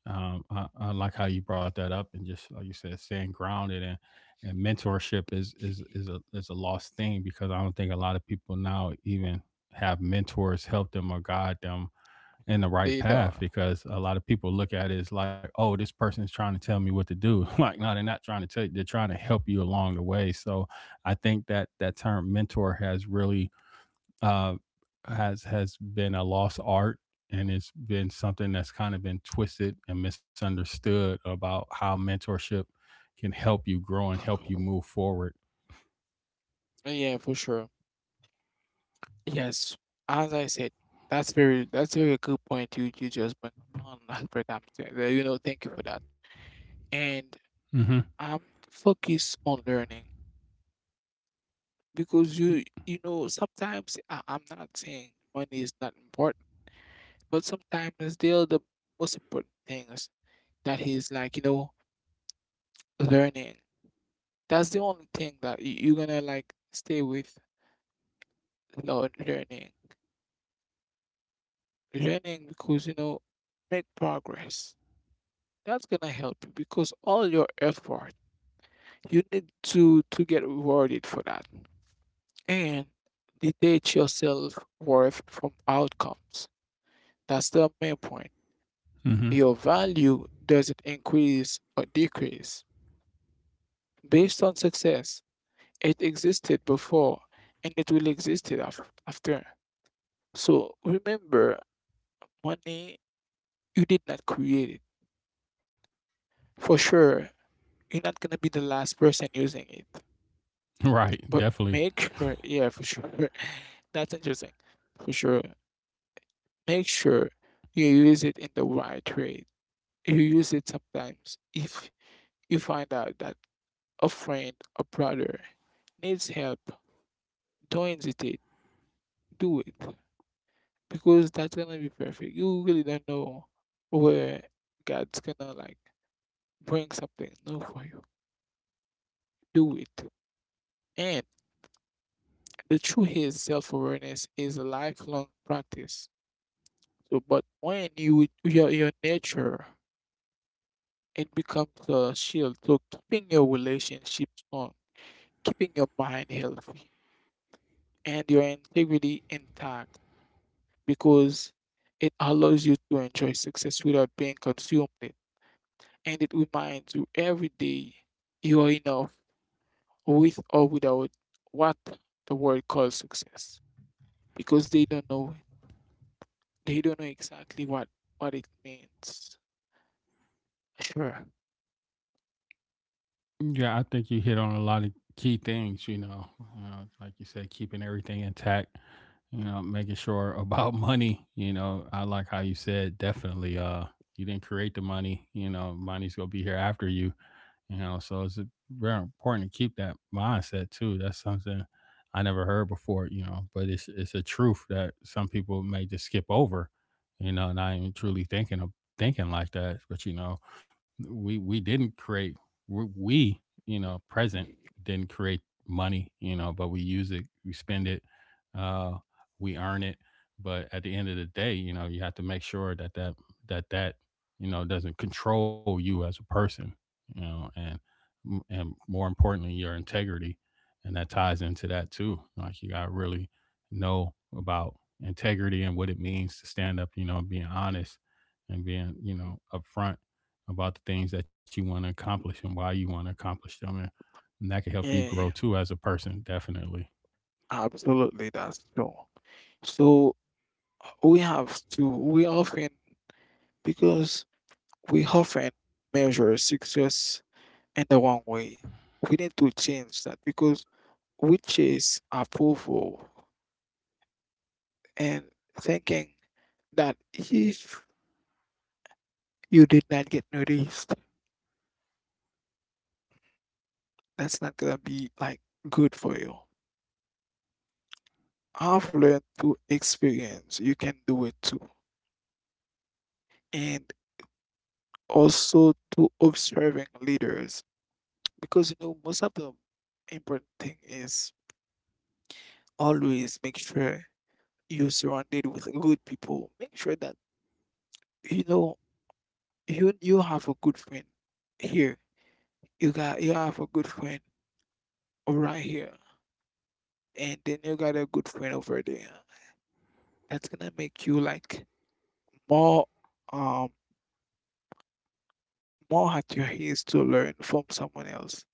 S2: um, I, I like how you brought that up, and just like you said, staying grounded and and mentorship is is is a is a lost thing because I don't think a lot of people now even have mentors help them or guide them in the right
S1: They
S2: path
S1: know.
S2: because a lot of people look at it as like, oh, this person's trying to tell me what to do. Like, no, they're not trying to tell you, they're trying to help you along the way. So I think that that term mentor has really uh, has has been a lost art, and it's been something that's kind of been twisted and misunderstood about how mentorship can help you grow and help you move forward.
S1: Uh, Yeah, for sure. Yes, as I said, that's very that's a very good point you you just bring on, Albert. I'm t- uh, you know, thank you for that. And
S2: Mm-hmm.
S1: um, focus on learning because you you know sometimes I, I'm not saying money is not important, but sometimes still the most important things that is like you know learning. That's the only thing that you, you're gonna like stay with lear- learning, learning because you know make progress. That's gonna help you because all your effort, you need to to get rewarded for that. And detach your self worth from outcomes. That's the main point.
S2: Mm-hmm.
S1: Your value doesn't increase or decrease based on success. It existed before and it will exist it af- after. So remember, money, you did not create it. For sure, you're not gonna be the last person using it.
S2: Right.
S1: But
S2: Definitely.
S1: make sure, yeah, for sure. That's interesting. For sure. Make sure you use it in the right way. You use it sometimes if you find out that a friend, a brother needs help, don't hesitate. Do it. Because that's gonna be perfect. You really don't know where God's gonna like bring something new for you. Do it. And the truth is self awareness is a lifelong practice. To, but when you do your your nature, it becomes a shield. So keeping your relationship strong, keeping your mind healthy, and your integrity intact, because it allows you to enjoy success without being consumed it, and it reminds you every day you are enough with or without what the world calls success, because they don't know it. They don't know exactly what what it means. Sure.
S2: Yeah, I think you hit on a lot of key things. You know, you know, like you said, keeping everything intact. You know, making sure about money. You know, I like how you said definitely. Uh, you didn't create the money. You know, money's gonna be here after you, you know, so it's uh, very important to keep that mindset too. That's something I never heard before, you know, but it's it's a truth that some people may just skip over, you know, not even truly thinking of thinking like that, but you know, we we didn't create, we, we you know present didn't create money, you know, but we use it, we spend it, uh we earn it, but at the end of the day, you know, you have to make sure that that that that you know doesn't control you as a person, you know, and and more importantly your integrity, and that ties into that too. Like you got to really know about integrity and what it means to stand up, you know, being honest and being you know upfront about the things that you want to accomplish and why you want to accomplish them, and, and that can help you grow
S1: Yeah,
S2: too as a person, definitely.
S1: absolutely, that's true. So we have to, we often, because we often measure success in the wrong way. We need to change that because we chase approval and thinking that if you did not get noticed, that's not gonna be like good for you. I've learned to experience, you can do it too. And also to observing leaders because you know most of the important thing is always make sure you're surrounded with good people. Make sure that you know you you have a good friend here. You got you have a good friend right here, and then you got a good friend over there. That's gonna make you like more um more at your ease to learn from someone else.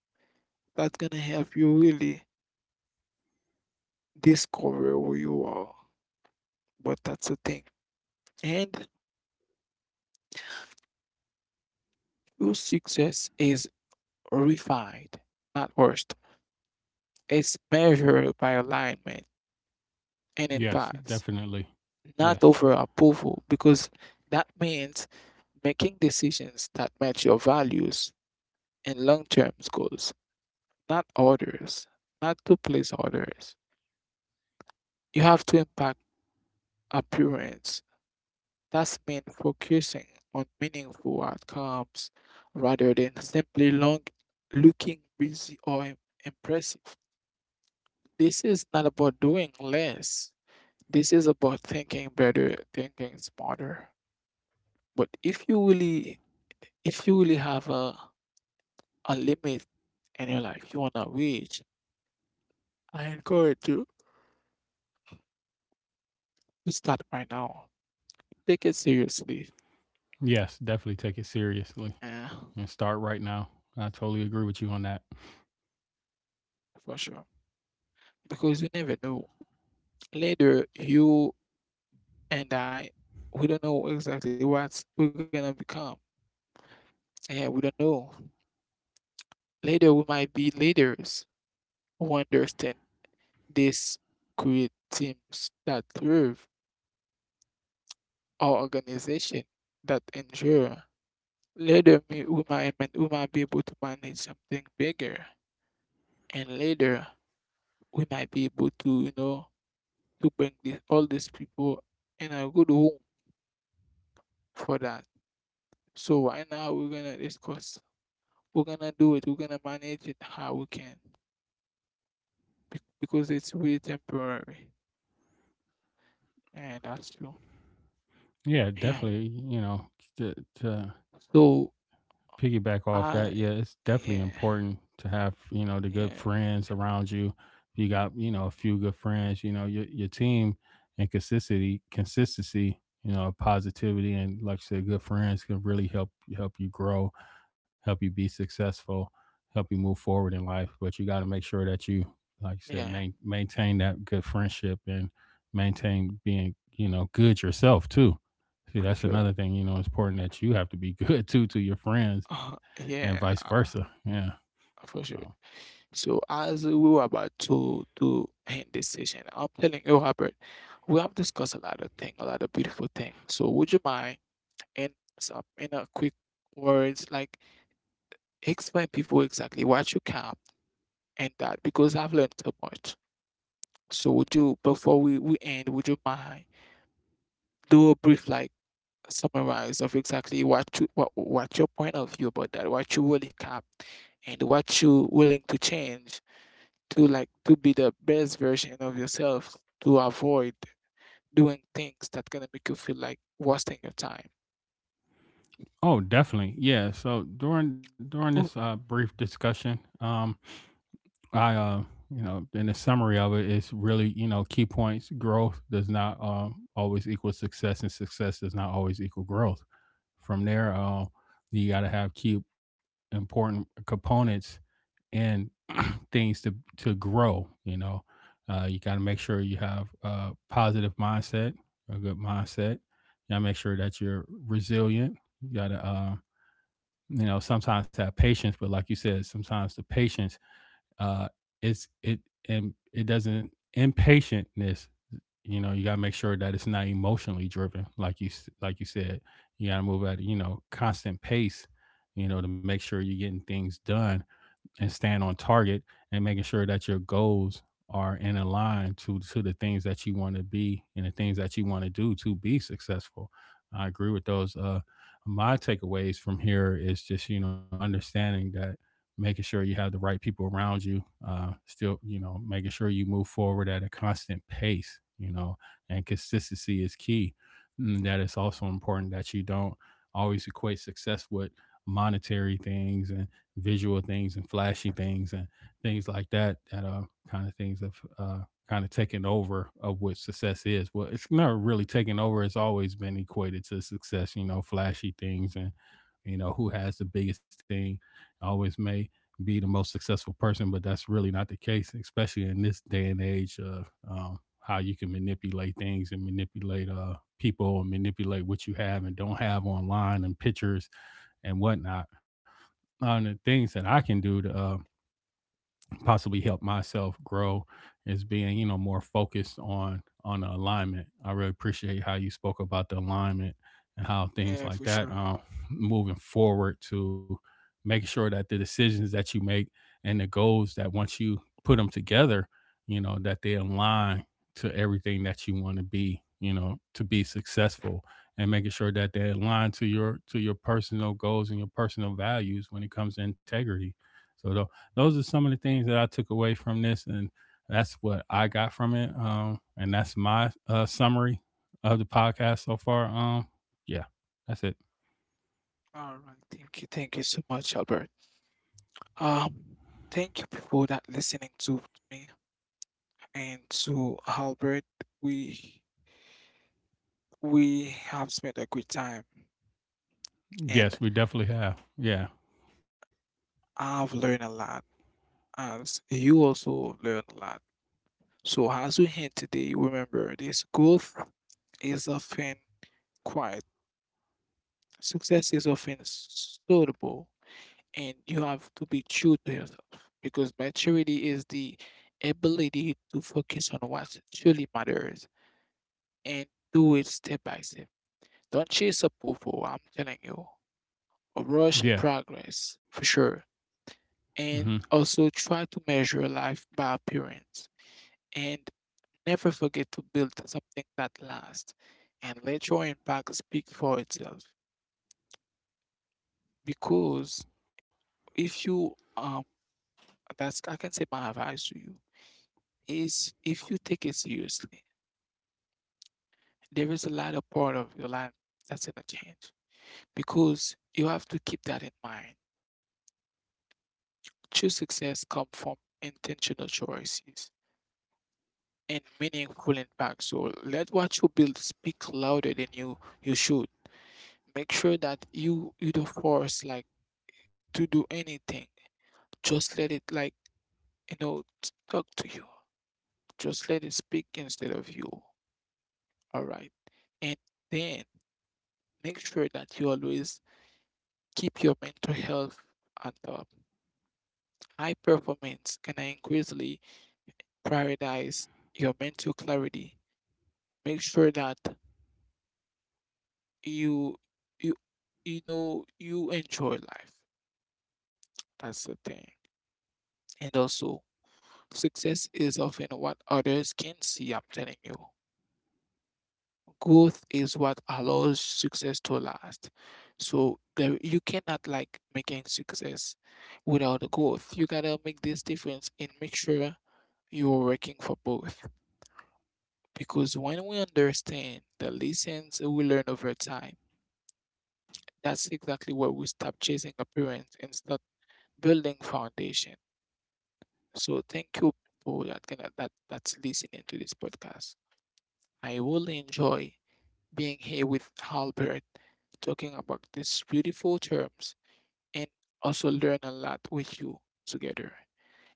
S1: That's gonna help you really discover who you are. But that's the thing. And true success is refined, not worst. It's measured by alignment and
S2: Yes,
S1: impacts.
S2: definitely.
S1: Not
S2: Yes.
S1: over approval, because that means making decisions that match your values and long term goals, not orders, not to please others. You have to impact appearance. That's mean focusing on meaningful outcomes rather than simply long looking busy or im- impressive. This is not about doing less. This is about thinking better, thinking smarter. But if you really If you really have a, a limit in your life you want to reach, I encourage you to start right now. Take it seriously.
S2: Yes, definitely take it seriously
S1: Yeah,
S2: and start right now. I totally agree with you on that.
S1: for sure. Because you never know. Later, you and I, we don't know exactly what we're going to become. Yeah, we don't know. Later, we might be leaders who understand this, create teams that serve our organization, that endure. Later, we we might, might- we might be able to manage something bigger, and later we might be able to, you know, to bring this, all these people in a good home for that. So right now we're gonna discuss, we're gonna do it, we're gonna manage it how we can, bec- because it's really temporary, and that's true.
S2: Yeah,
S1: Yeah.
S2: definitely, you know, to, to
S1: So
S2: piggyback off
S1: I,
S2: that, yeah, it's definitely
S1: yeah,
S2: important to have you know the good
S1: yeah,
S2: friends around you. You got you know a few good friends. You know your your team and consistency, consistency. You know positivity, and like I said, good friends can really help help you grow, help you be successful, help you move forward in life. But you got to make sure that you, like I said,
S1: yeah,
S2: main, maintain that good friendship and maintain being you know good yourself too. See,
S1: for
S2: that's
S1: sure.
S2: another thing. You know, it's important that you have to be good too to your friends
S1: Uh,
S2: and vice
S1: yeah,
S2: versa.
S1: uh,
S2: Yeah.
S1: for
S2: So
S1: sure. So as we were about to to end this session, I'm telling you, Robert, we have discussed a lot of things, a lot of beautiful things. So would you mind in some in a quick words, like explain people exactly what you can and that because I've learned so much. So would you before we, we end, would you mind do a brief like summarize of exactly what you what what your point of view about that, what you really cap and what you willing to change to like to be the best version of yourself to avoid doing things that gonna make you feel like wasting your time.
S2: oh, definitely. Yeah. So during during this uh,
S1: Oh,
S2: brief discussion, um, I uh, you know, in the summary of it, it's really you know key points. Growth does not um, always equal success, and success does not always equal growth. From there, uh, you got to have key important components and things to to grow. You know, uh, you got to make sure you have a positive mindset, a good mindset. You got to make sure that you're resilient. You got to, uh, you know, sometimes have patience, but like you said, sometimes the patience, uh, it's it and it doesn't impatientness. You know, you got to make sure that it's not emotionally driven, like you s- like you said. You got to move at you know constant pace. You know, to make sure you're getting things done and staying on target and making sure that your goals are in a line to to the things that you want to be and the things that you want to do to be successful. I agree with those. Uh, my takeaways from here is just you know understanding that making sure you have the right people around you. Uh, still, you know, making sure you move forward at a constant pace. You know, and consistency is key. And that it's also important that you don't always equate success with monetary things and visual things and flashy things and things like that that uh kind of things have uh kind of taken over of what success is. Well, it's not really taken over, it's always been equated to success, you know, flashy things and you know who has the biggest thing always may be the most successful person, but that's really not the case, especially in this day and age of um, how you can manipulate things and manipulate uh people and manipulate what you have and don't have online and pictures and whatnot. On the things that I can do to uh, possibly help myself grow is being you know more focused on on the alignment. I really appreciate how you spoke about the alignment and how things
S1: yeah,
S2: like
S1: for
S2: that
S1: sure.
S2: um, moving forward to making sure that the decisions that you make and the goals that once you put them together, you know that they align to everything that you want to be, you know, to be successful, and making sure that they align to your to your personal goals and your personal values when it comes to integrity. so tho- those are some of the things that I took away from this, and that's what I got from it. Um, and that's my uh, summary of the podcast so far. Um, yeah, that's it.
S1: All right, thank you, thank you so much, Albert. Um, thank you people that listening to me and to Albert. We we have spent a good time, and
S2: Yes, we definitely have. Yeah,
S1: I've learned a lot, as you also learned a lot. So, as we hint today, remember this growth is often quiet, success is often slowable, and you have to be true to yourself because maturity is the ability to focus on what truly matters and do it step by step. Don't chase approval, I'm telling you. Or Rush
S2: yeah.
S1: progress for sure.
S2: Hmm.
S1: And also try to measure life by appearance and never forget to build something that lasts and let your impact speak for itself. Because if you, um, that's, I can say my advice to you is if you take it seriously, there is a lot of part of your life that's going to change because you have to keep that in mind. True success come from intentional choices and meaningful impact. So let what you build speak louder than you you should. Make sure that you you don't force like to do anything. Just let it like, you know, t- talk to you. Just let it speak instead of you. All right. And then make sure that you always keep your mental health on top. High performance can increasingly prioritize your mental clarity. Make sure that you you you know you enjoy life. That's the thing. And also, success is often what others can see, I'm telling you. Growth is what allows success to last. So there, you cannot like making success without the growth. You gotta make this difference and make sure you're working for both. Because when we understand the lessons we learn over time, that's exactly where we stop chasing appearance and start building foundation. So thank you people that can that that's listening to this podcast. I will enjoy being here with Albert, talking about these beautiful terms, and also learn a lot with you together.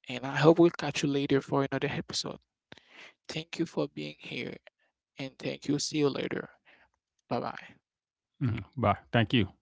S1: And I hope we'll catch you later for another episode. Thank you for being here, and thank you. See you later. Bye bye.
S2: Hmm. Bye. Thank you.